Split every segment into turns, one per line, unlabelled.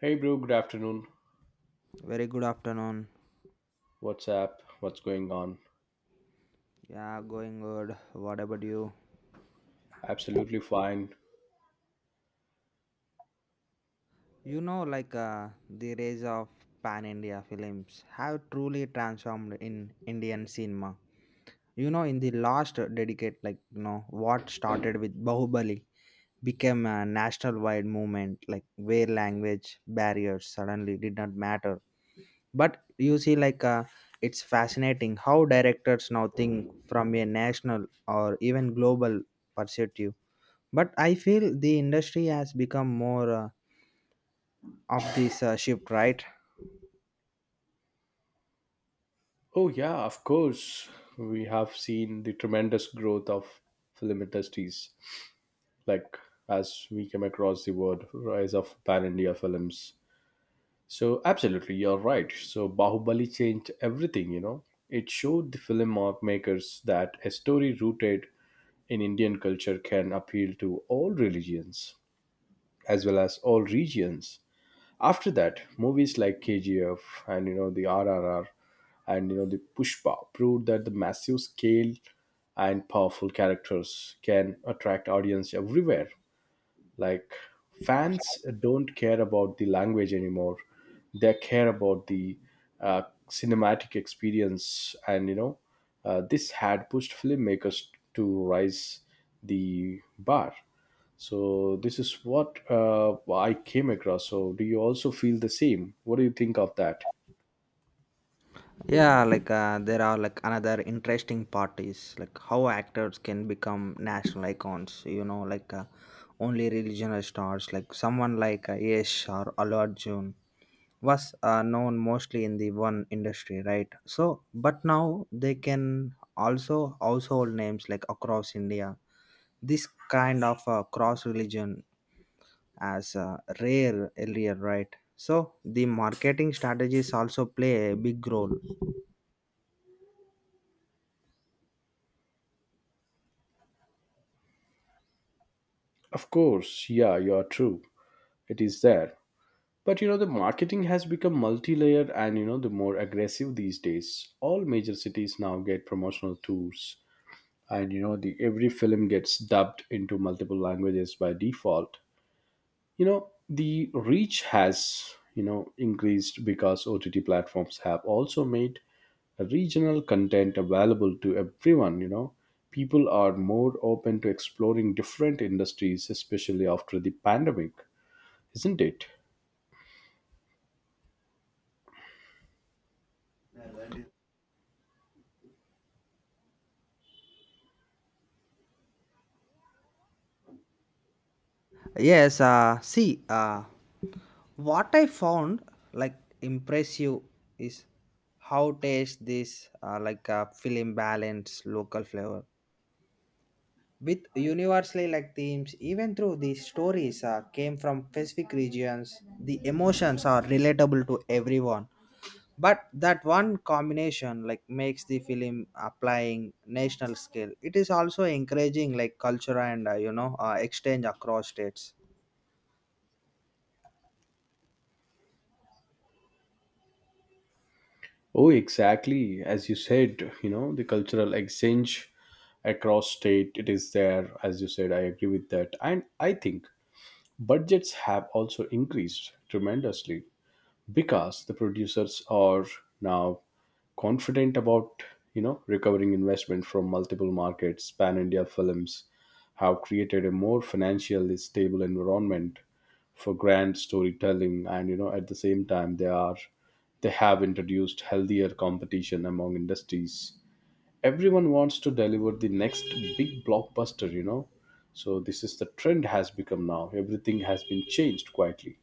Hey, bro, good afternoon.
Very good afternoon.
What's up? What's going on?
Yeah, going good. What about you?
Absolutely fine.
You know, like The rise of pan India films have truly transformed in Indian cinema. In the last decade, what started with Bahubali became a national wide movement, like where language barriers suddenly did not matter. But you see, it's fascinating how directors now think from a national or even global perspective, but I feel the industry has become more of this shift, right?
Oh, yeah, of course. We have seen the tremendous growth of film industries, like as we come across the word rise of pan India films. So, absolutely, you're right. So, Bahubali changed everything, you know. It showed the film makers that a story rooted in Indian culture can appeal to all religions as well as all regions. After that, movies like KGF and you know the RRR and you know the Pushpa proved that the massive scale and powerful characters can attract audience everywhere. Like fans don't care about the language anymore; they care about the uh, cinematic experience. And you know, this had pushed filmmakers to rise the bar. So this is what I came across. So do you also feel the same? What do you think of that?
Yeah, there are like another interesting part is like how actors can become national icons, only regional stars like someone like Yesh or Allu Arjun was known mostly in the one industry, right? So but now they can also household names like across India. This kind of cross religion as rare earlier, right? So the marketing strategies also play a big role.
Of course, yeah, you are true. It is there. But you know, the marketing has become multi layered and you know, the more aggressive these days. All major cities now get promotional tours, and you know, the every film gets dubbed into multiple languages by default. You know the reach has, you know, increased because ott platforms have also made regional content available to everyone. You know, people are more open to exploring different industries, especially after the pandemic, isn't it?
Yes, see, what I found like impressive is how taste this film balance local flavor with universally like themes even through the stories came from specific regions. The emotions are relatable to everyone, but that one combination like makes the film applying national scale. It is also encouraging like culture and exchange across states.
Oh exactly, as you said, you know the cultural exchange across state it is there. As you said, I agree with that, and I think budgets have also increased tremendously because the producers are now confident about, you know, recovering investment from multiple markets. Pan India films have created a more financially stable environment for grand storytelling, and you know, at the same time they have introduced healthier competition among industries. Everyone wants to deliver the next big blockbuster, you know. So this is the trend has become now, everything has been changed quietly.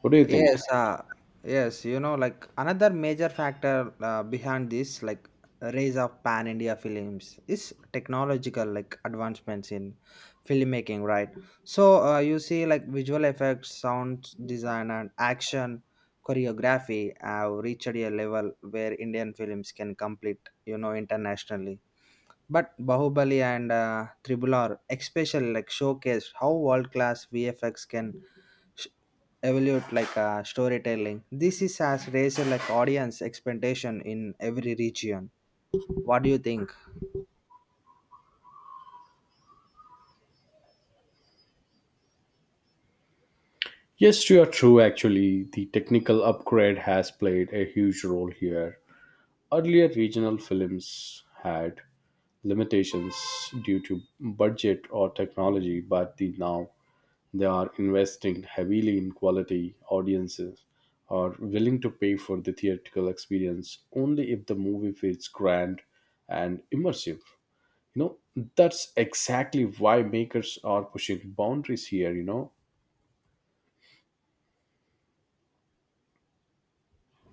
What do you think?
Yes, yes, like another major factor behind this, like rise of pan India films, is technological like advancements in filmmaking, right? So you see, like visual effects, sound design, and action choreography have reached a level where Indian films can compete, internationally. But Bahubali and Tribular, especially, like showcase how world class VFX can sh- evaluate like storytelling. This is as raised like audience expectation in every region. What do you think?
Yes, you are true. Actually, the technical upgrade has played a huge role here. Earlier, regional films had limitations due to budget or technology, but the now they are investing heavily in quality. Audiences are willing to pay for the theatrical experience only if the movie feels grand and immersive. You know, that's exactly why makers are pushing boundaries here, you know.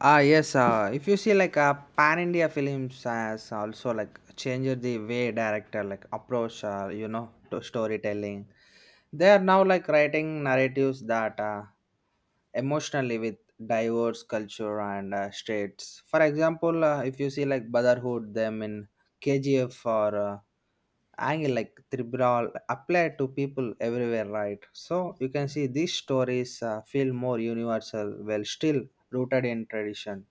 Ah yes, if you see like pan India films has also like changed the way director like approach to storytelling. They are now like writing narratives that. Emotionally with diverse culture and states. For example, if you see like Brotherhood, them in KGF or angle like Tribral apply to people everywhere, right? So you can see these stories feel more universal while still rooted in tradition.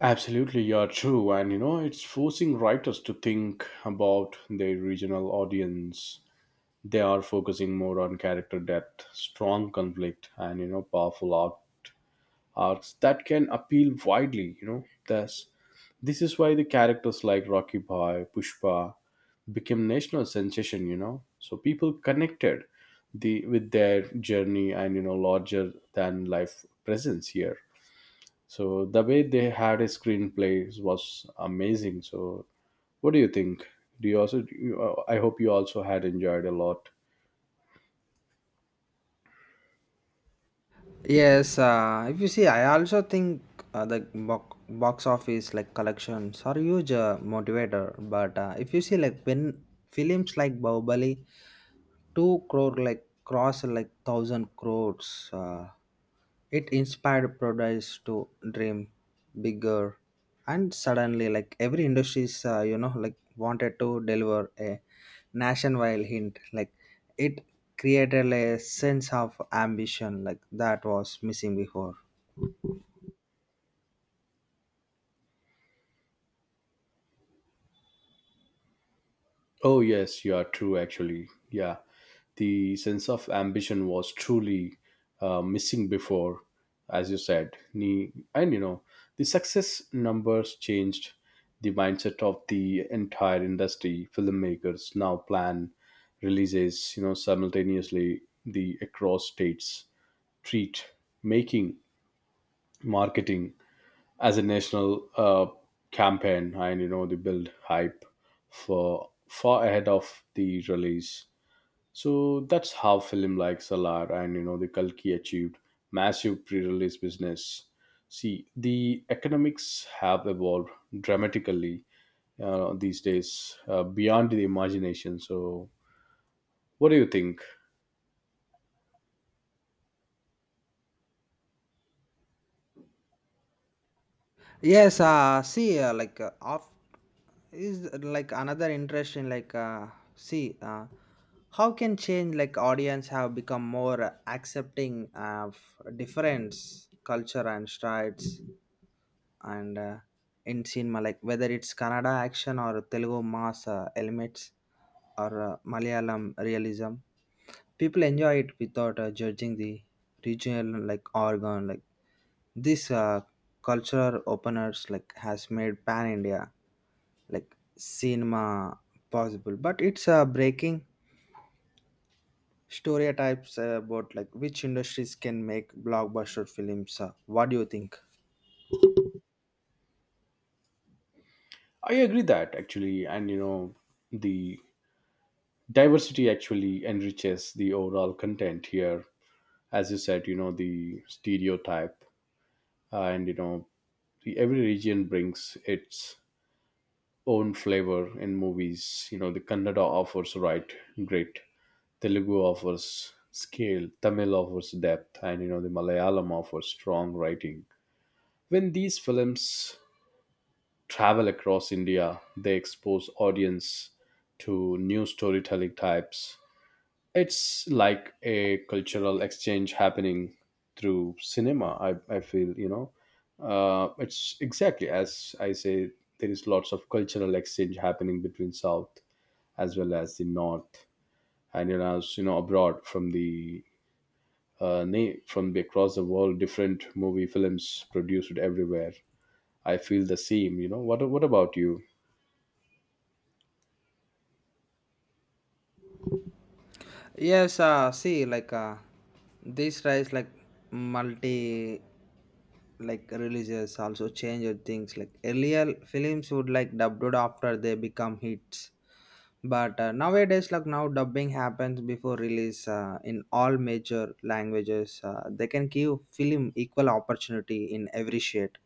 Absolutely, you're true. And you know, it's forcing writers to think about their regional audience. They are focusing more on character depth, strong conflict, and you know, powerful arcs that can appeal widely. You know, thus, this is why the characters like Rocky Bhai, Pushpa became national sensation. You know, so people connected the with their journey and you know, larger than life presence here. So the way they had a screenplay was amazing. So what do you think? Do you also? I hope you also had enjoyed a lot.
Yes, if you see, I also think the box office like collections are huge motivator. But if you see, like when films like Bahubali 2 crore like cross like 1,000 crores uh, it inspired producers to dream bigger. And suddenly like every industries like wanted to deliver a nationwide hint like it created a sense of ambition like that was missing before.
Oh yes, you are true. Actually, yeah, the sense of ambition was truly missing before, as you said. And you know, the success numbers changed the mindset of the entire industry. Filmmakers now plan releases, you know, simultaneously the across states, treat making marketing as a national campaign, and you know they build hype for far ahead of the release. So that's how film like Salar and you know the Kalki achieved massive pre-release business. See, the economics have evolved dramatically these days, beyond the imagination. So what do you think?
Yes, see, off is like another interesting. Like, see, how can change like audience have become more accepting of difference, culture and strides, and in cinema, like whether it's Kannada action or Telugu mass elements or Malayalam realism, people enjoy it without judging the regional like organ like. This cultural openers like has made pan India like cinema possible, but it's breaking stereotypes about like which industries can make blockbuster films. What do you think?
I agree that actually, and you know the diversity actually enriches the overall content here. As you said, you know the stereotype, and you know every region brings its own flavor in movies. You know the Kannada offers right grit, Telugu offers scale, Tamil offers depth, and you know the Malayalam offers strong writing. When these films travel across India, they expose audience to new storytelling types. It's like a cultural exchange happening through cinema. I feel, you know, it's exactly as I say. There is lots of cultural exchange happening between South as well as the North, and you know, as you know, abroad from the from the across the world, different movie films produced everywhere. I feel the same. You know, what about you?
Yes, see, like this rise like multi like religious also changed things. Like earlier films would like dubbed after they become hits. But nowadays, like now, dubbing happens before release in all major languages. They can give film equal opportunity in every shade.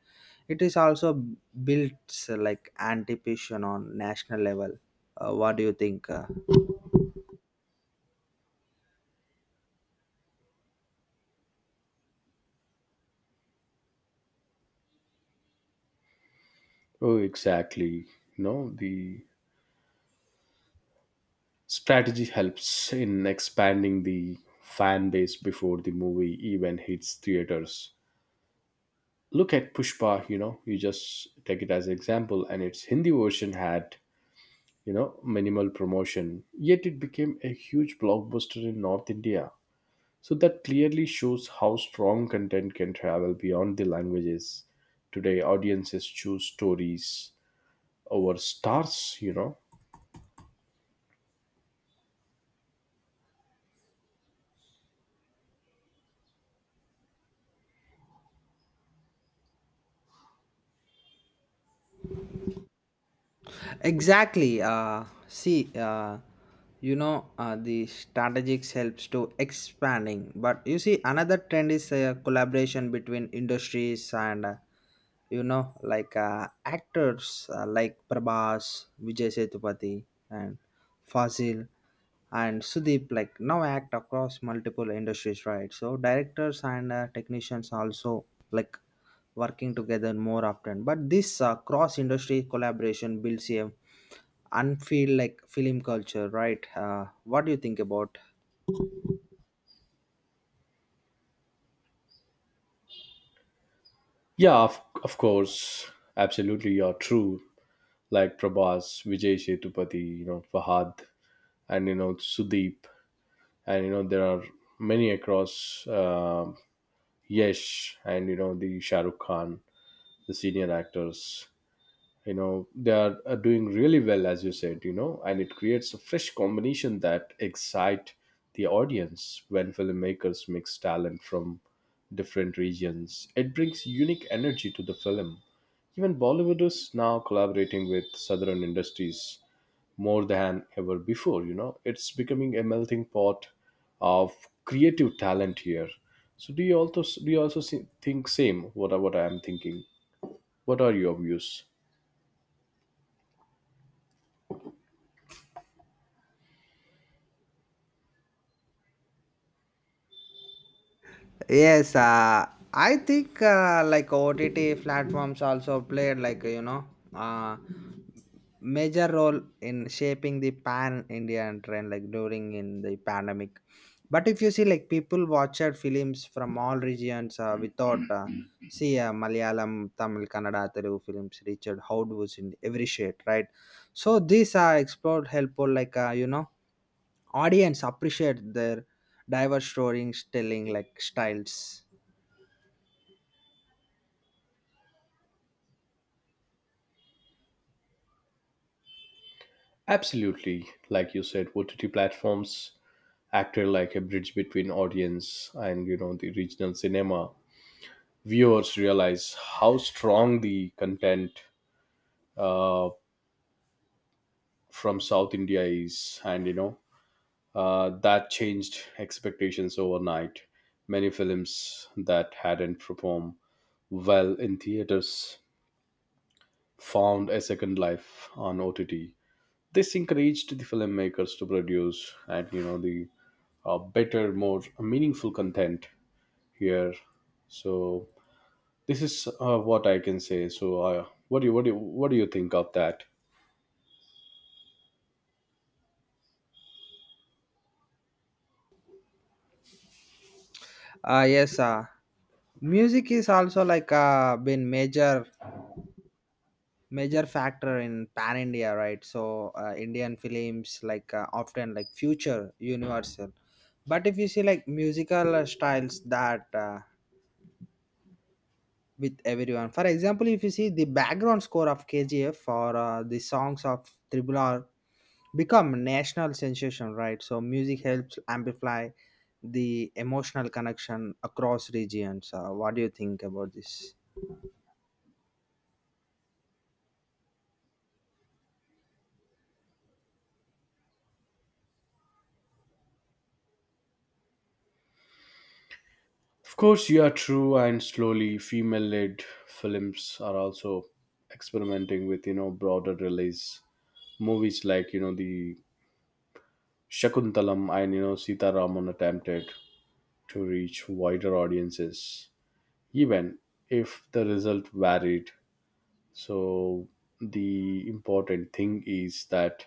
It is also built like anticipation on national level. What do you think?
Oh, exactly. You know the strategy helps in expanding the fan base before the movie even hits theaters. Look at Pushpa, you know, you just take it as an example, and its Hindi version had, you know, minimal promotion, yet it became a huge blockbuster in North India. So that clearly shows how strong content can travel beyond the languages. Today, audiences choose stories over stars, you know.
Exactly. See, the strategics helps to expanding. But you see, another trend is collaboration between industries and, actors like Prabhas, Vijay Sethupathi, and Fazil and Sudeep like now act across multiple industries, right? So directors and technicians also like working together more often. But this cross-industry collaboration builds a unfeel like film culture, right? What do you think about?
Yeah, of course, absolutely, you're true. Like Prabhas, Vijay Sethupathi, you know, Fahad, and you know Sudeep, and you know there are many across Yesh, and you know the Shah Rukh Khan, the senior actors. You know are doing really well, as you said. You know, and it creates a fresh combination that excite the audience when filmmakers mix talent from different regions. It brings unique energy to the film. Even Bollywood is now collaborating with southern industries more than ever before. You know it's becoming a melting pot of creative talent here. So do you also think same what I am thinking? What are your views?
Yes, I think like OTT platforms also played like uh, major role in shaping the pan Indian trend like during in the pandemic. But if you see like people watched films from all regions without see Malayalam, Tamil, Kannada, Telugu films reached out was in every shade, right? So these are explored helpful like audience appreciate their diverse storytelling like styles.
Absolutely, like you said, OTT platforms act like a bridge between audience and you know the regional cinema. Viewers realize how strong the content uh, from South India is, and you know, that changed expectations overnight. Many films that hadn't performed well in theaters found a second life on OTT. This encouraged the filmmakers to produce and you know the better, more meaningful content here. So this is what I can say. So what do you what do you think of that?
Ah yes, music is also like been major factor in pan India, right? So Indian films like often like future universal, but if you see like musical styles that with everyone. For example, if you see the background score of KGF or the songs of Triple R become national sensation, right? So music helps amplify the emotional connection across regions. What do you think about this?
Of course, you are true, and slowly, female led films are also experimenting with you know broader release. Movies like you know the Shakuntalam and you know Sita Raman attempted to reach wider audiences, even if the result varied. So, the important thing is that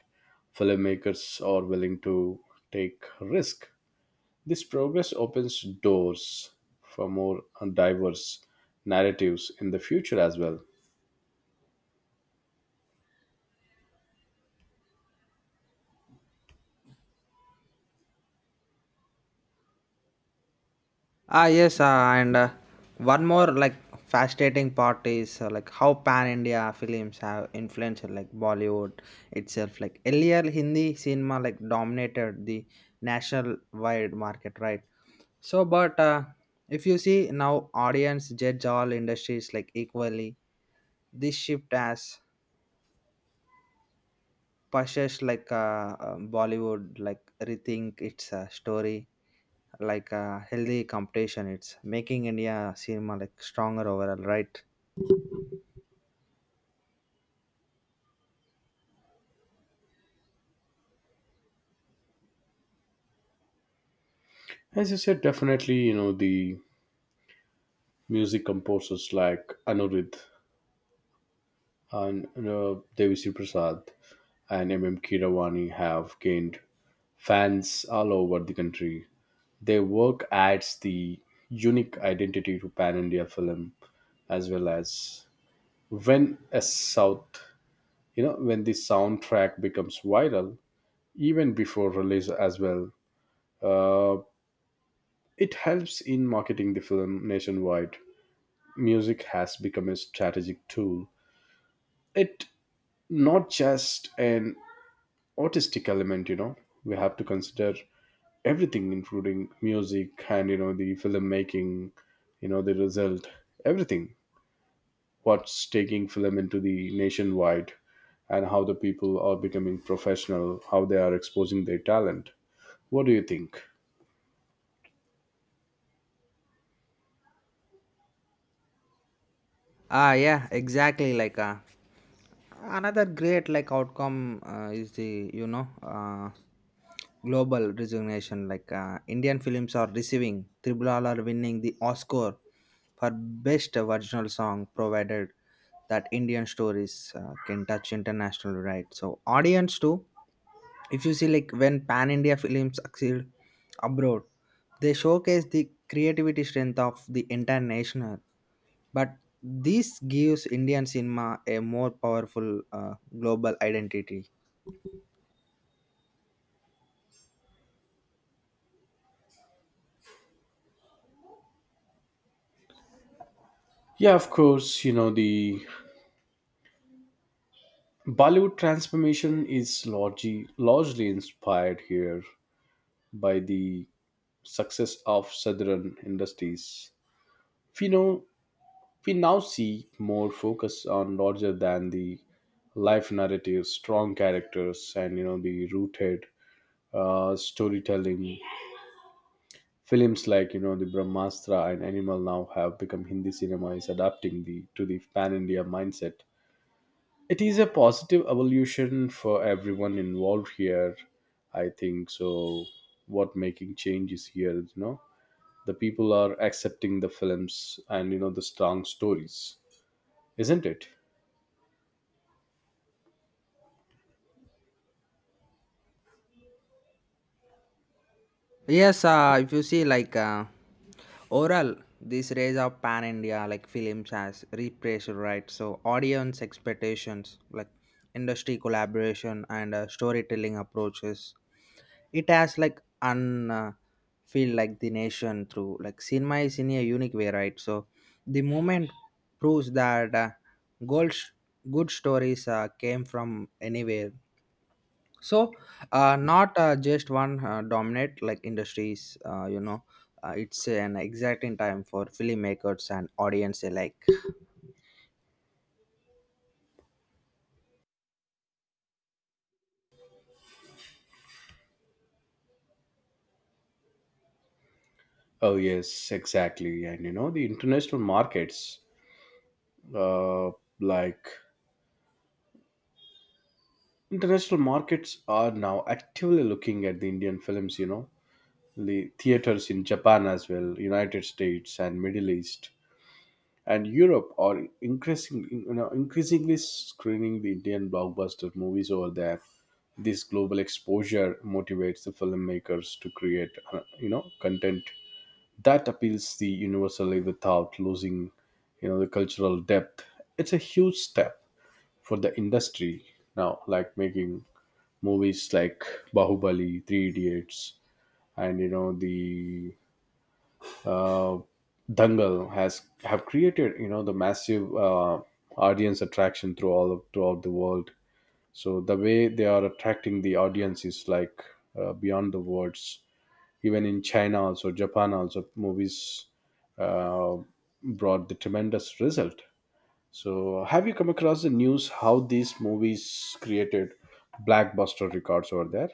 filmmakers are willing to take risk. This progress opens doors for more diverse narratives in the future as well.
Ah, yes, and one more like fascinating part is like how pan India films have influenced like Bollywood itself. Like earlier, Hindi cinema like dominated the national wide market, right? So, but if you see now, audience judge all industries like equally. This shift has possessed like Bollywood like rethink its story like a healthy competition. It's making India cinema like stronger overall, right?
As you said, definitely, you know, the music composers like Anuruddh and you know, Devi Sri Prasad and M M Kiravani have gained fans all over the country. Their work adds the unique identity to pan India film as well as when a South, you know, when the soundtrack becomes viral, even before release as well. Uh, it helps in marketing the film nationwide. Music has become a strategic tool. It not just an artistic element, you know. We have to consider everything, including music and you know the filmmaking, you know the result, everything. What's taking film into the nationwide, and how the people are becoming professional, how they are exposing their talent. What do you think?
Ah, yeah, exactly. Like another great like outcome is the global recognition. Like Indian films are receiving Triple are winning the Oscar for best original song, provided that Indian stories can touch international, right. So audience too. If you see like when pan India films succeed abroad, they showcase the creativity strength of the entire nation, but this gives Indian cinema a more powerful uh, global identity.
Yeah, of course, you know, the Bollywood transformation is largely inspired here by the success of Southern industries. We know we now see more focus on larger than the life narratives, strong characters, and you know the rooted storytelling. Films like you know the Brahmastra and Animal now have become Hindi cinema is adapting the to the pan India mindset. It is a positive evolution for everyone involved here, I think so. What making changes here? You know, the people are accepting the films and you know the strong stories, isn't it?
Yes, if you see like overall, this raise of pan India like films has repressure, right? So audience expectations, like industry collaboration and storytelling approaches, it has like un feel like the nation through like cinema is in a unique way, right? So the movement proves that gold good stories came from anywhere. So not just one dominant like industries it's an exacting time for filmmakers and audience alike.
Oh yes, exactly, and you know the international markets, uh, like international markets are now actively looking at the Indian films. You know the theaters in Japan as well United States and Middle East and Europe are increasingly, increasingly screening the Indian blockbuster movies over there. This global exposure motivates the filmmakers to create, you know, content that appeals the universally without losing, you know, the cultural depth. It's a huge step for the industry now, like making movies like Bahubali, Three Idiots, and you know the uh, Dangal has have created, you know, the massive audience attraction through throughout the world. So the way they are attracting the audience is like beyond the words. Even in China, also Japan, also movies uh, brought the tremendous result. So have you come across the news how these movies created blackbuster records over there?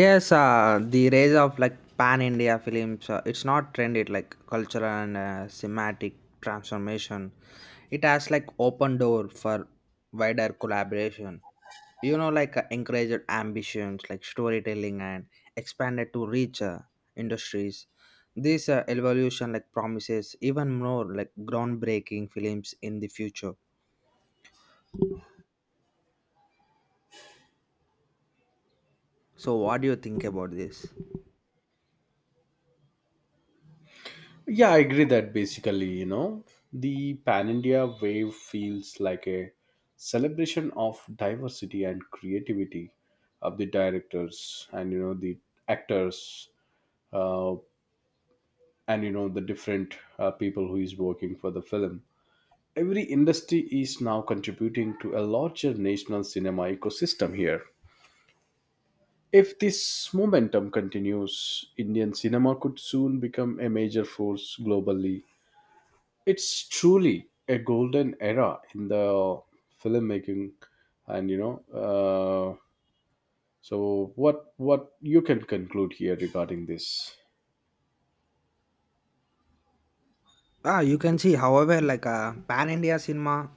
Yes, the rise of like pan India films, it's not trended like cultural and thematic transformation. It has like open door for wider collaboration. Like encouraged ambitions like storytelling and expanded to reach industries. This evolution like promises even more like groundbreaking films in the future. So, what do you think about this?
Yeah, I agree that basically, you know, the Pan India wave feels like a celebration of diversity and creativity of the directors and, you know, the actors, uh, and, you know, the different people who is working for the film. Every industry is now contributing to a larger national cinema ecosystem here. If this momentum continues, Indian cinema could soon become a major force globally. It's truly a golden era in the filmmaking and you know so what you can conclude here regarding this.
Ah, you can see, however, like pan India cinema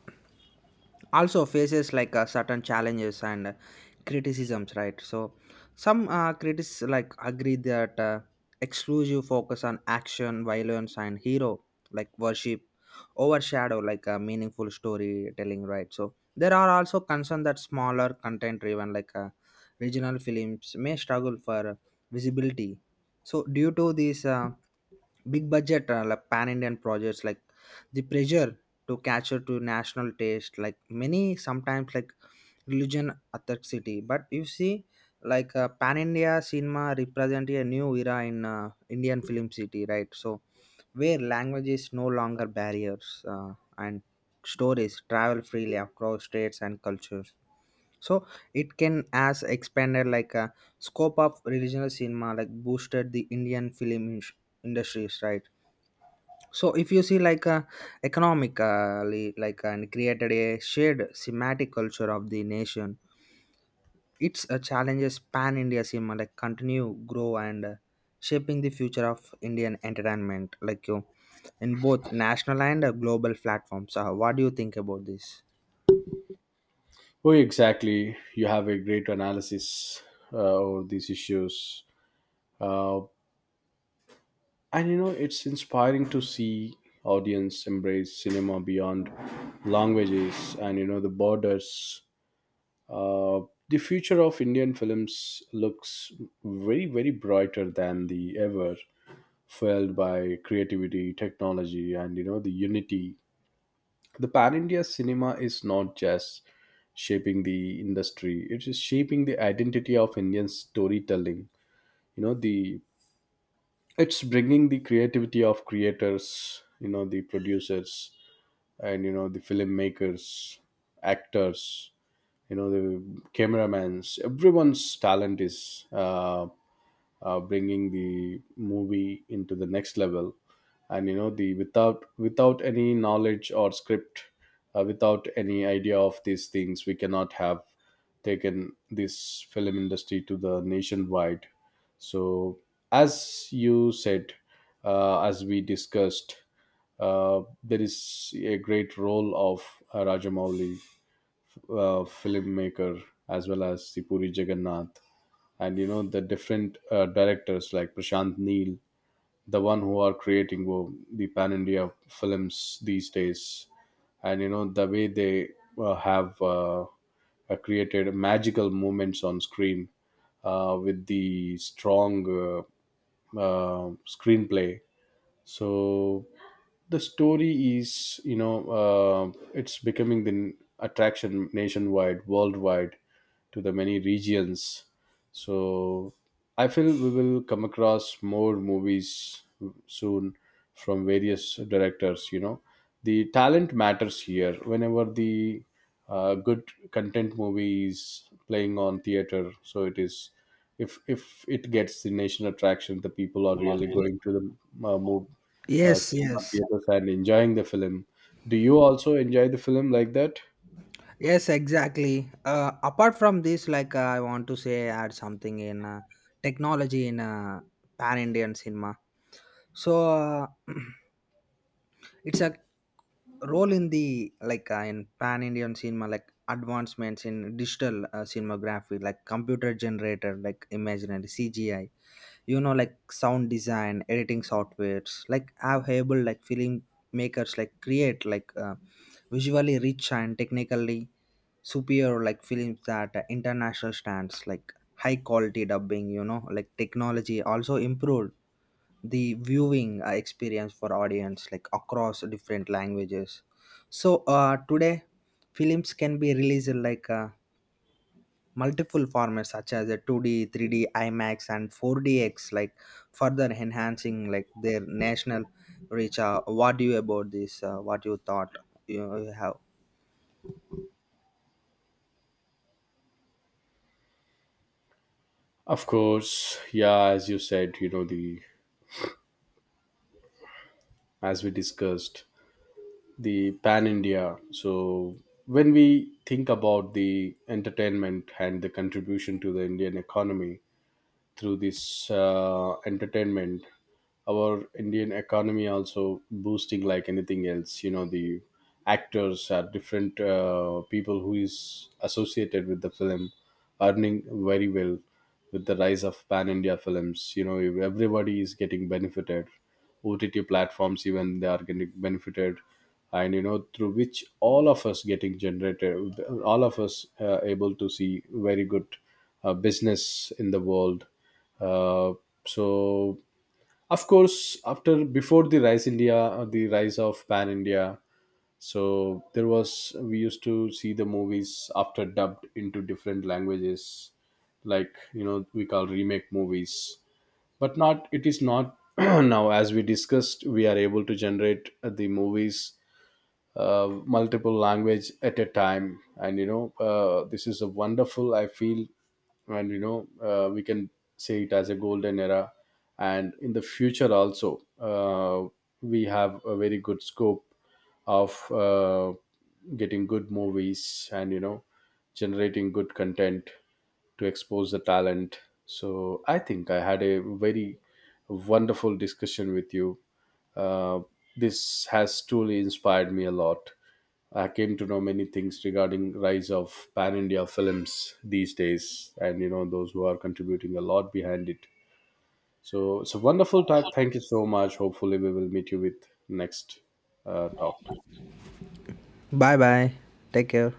also faces like certain challenges and criticisms, right? So some critics like agree that exclusive focus on action violence and hero like worship overshadow like a meaningful storytelling, right? So there are also concern that smaller content driven like regional films may struggle for visibility. So due to these big budget like pan Indian projects like the pressure to cater to national taste like many sometimes like religion authenticity. But you see like pan India cinema represent a new era in Indian film city, right? So where language is no longer barriers and stories travel freely across states and cultures. So it can as expanded like a scope of regional cinema like boosted the Indian film industries, right? So if you see like economically like and created a shared thematic culture of the nation. Its challenges pan India seem like continue grow and shaping the future of Indian entertainment like you in both national and global platforms. What do you think about this?
Oh, exactly, you have a great analysis of these issues. Uh, and you know it's inspiring to see audience embrace cinema beyond languages and the borders. Uh, the future of indian films looks very very brighter than the ever, fueled by creativity, technology, and the unity. The pan India cinema is not just shaping the industry; it is shaping the identity of Indian storytelling. You know the it's bringing the creativity of creators, the producers, and the filmmakers, actors, you know the cameramans. Everyone's talent is bringing the movie into the next level, and you know the without any knowledge or script, without any idea of these things we cannot have taken this film industry to the nationwide. So as you said, as we discussed, there is a great role of Rajamouli, filmmaker, as well as the Puri Jagannath, and the different directors like Prashant Neel, the one who are creating the pan India films these days, and the way they have created magical moments on screen with the strong screenplay. So the story is, it's becoming the attraction nationwide worldwide to the many regions. So I feel we will come across more movies soon from various directors, the talent matters here whenever the good content movie is playing on theater, so it is, if it gets the national attraction, the people are really going to the move
Yes,
cinema
yes.
theaters and enjoying the film. Do you also enjoy the film like that?
Yes, exactly. Apart from this, like I want to say, add something in technology in pan Indian cinema. So it's a role in the like in pan Indian cinema, like advancements in digital cinematography, like computer generated, like imaginary CGI, like sound design editing softwares like have able like film makers like create like visually rich and technically superior like films that international stands like high quality dubbing, like technology also improved the viewing experience for audience like across different languages. So today films can be released like multiple formats such as a 2D, 3D, IMAX, and 4DX, like further enhancing like their national reach. What do you about this? What you thought you have?
Of course, yeah. As you said, you know the as we discussed, the pan India. So when we think about the entertainment and the contribution to the Indian economy, through this entertainment, our indian economy also boosting like anything else, you know the actors are different people who is associated with the film, earning very well. With the rise of pan india films, everybody is getting benefited, ott platforms even they are getting benefited, and through which all of us getting generated, all of us able to see very good business in the world. Uh, so, of course, after before the Rise India, the rise of Pan India. So there was, we used to see the movies after dubbed into different languages, like we call remake movies. But not, it is not now, as we discussed, we are able to generate the movies multiple language at a time, and this is a wonderful I feel, and we can say it as a golden era. And in the future also, we have a very good scope of getting good movies, and generating good content to expose the talent. So I think I had a very wonderful discussion with you. Uh, this has truly inspired me a lot. I came to know many things regarding rise of pan India films these days, and those who are contributing a lot behind it. So it's a wonderful talk. Thank you so much. Hopefully, we will meet you with next talk.
Bye bye. Take care.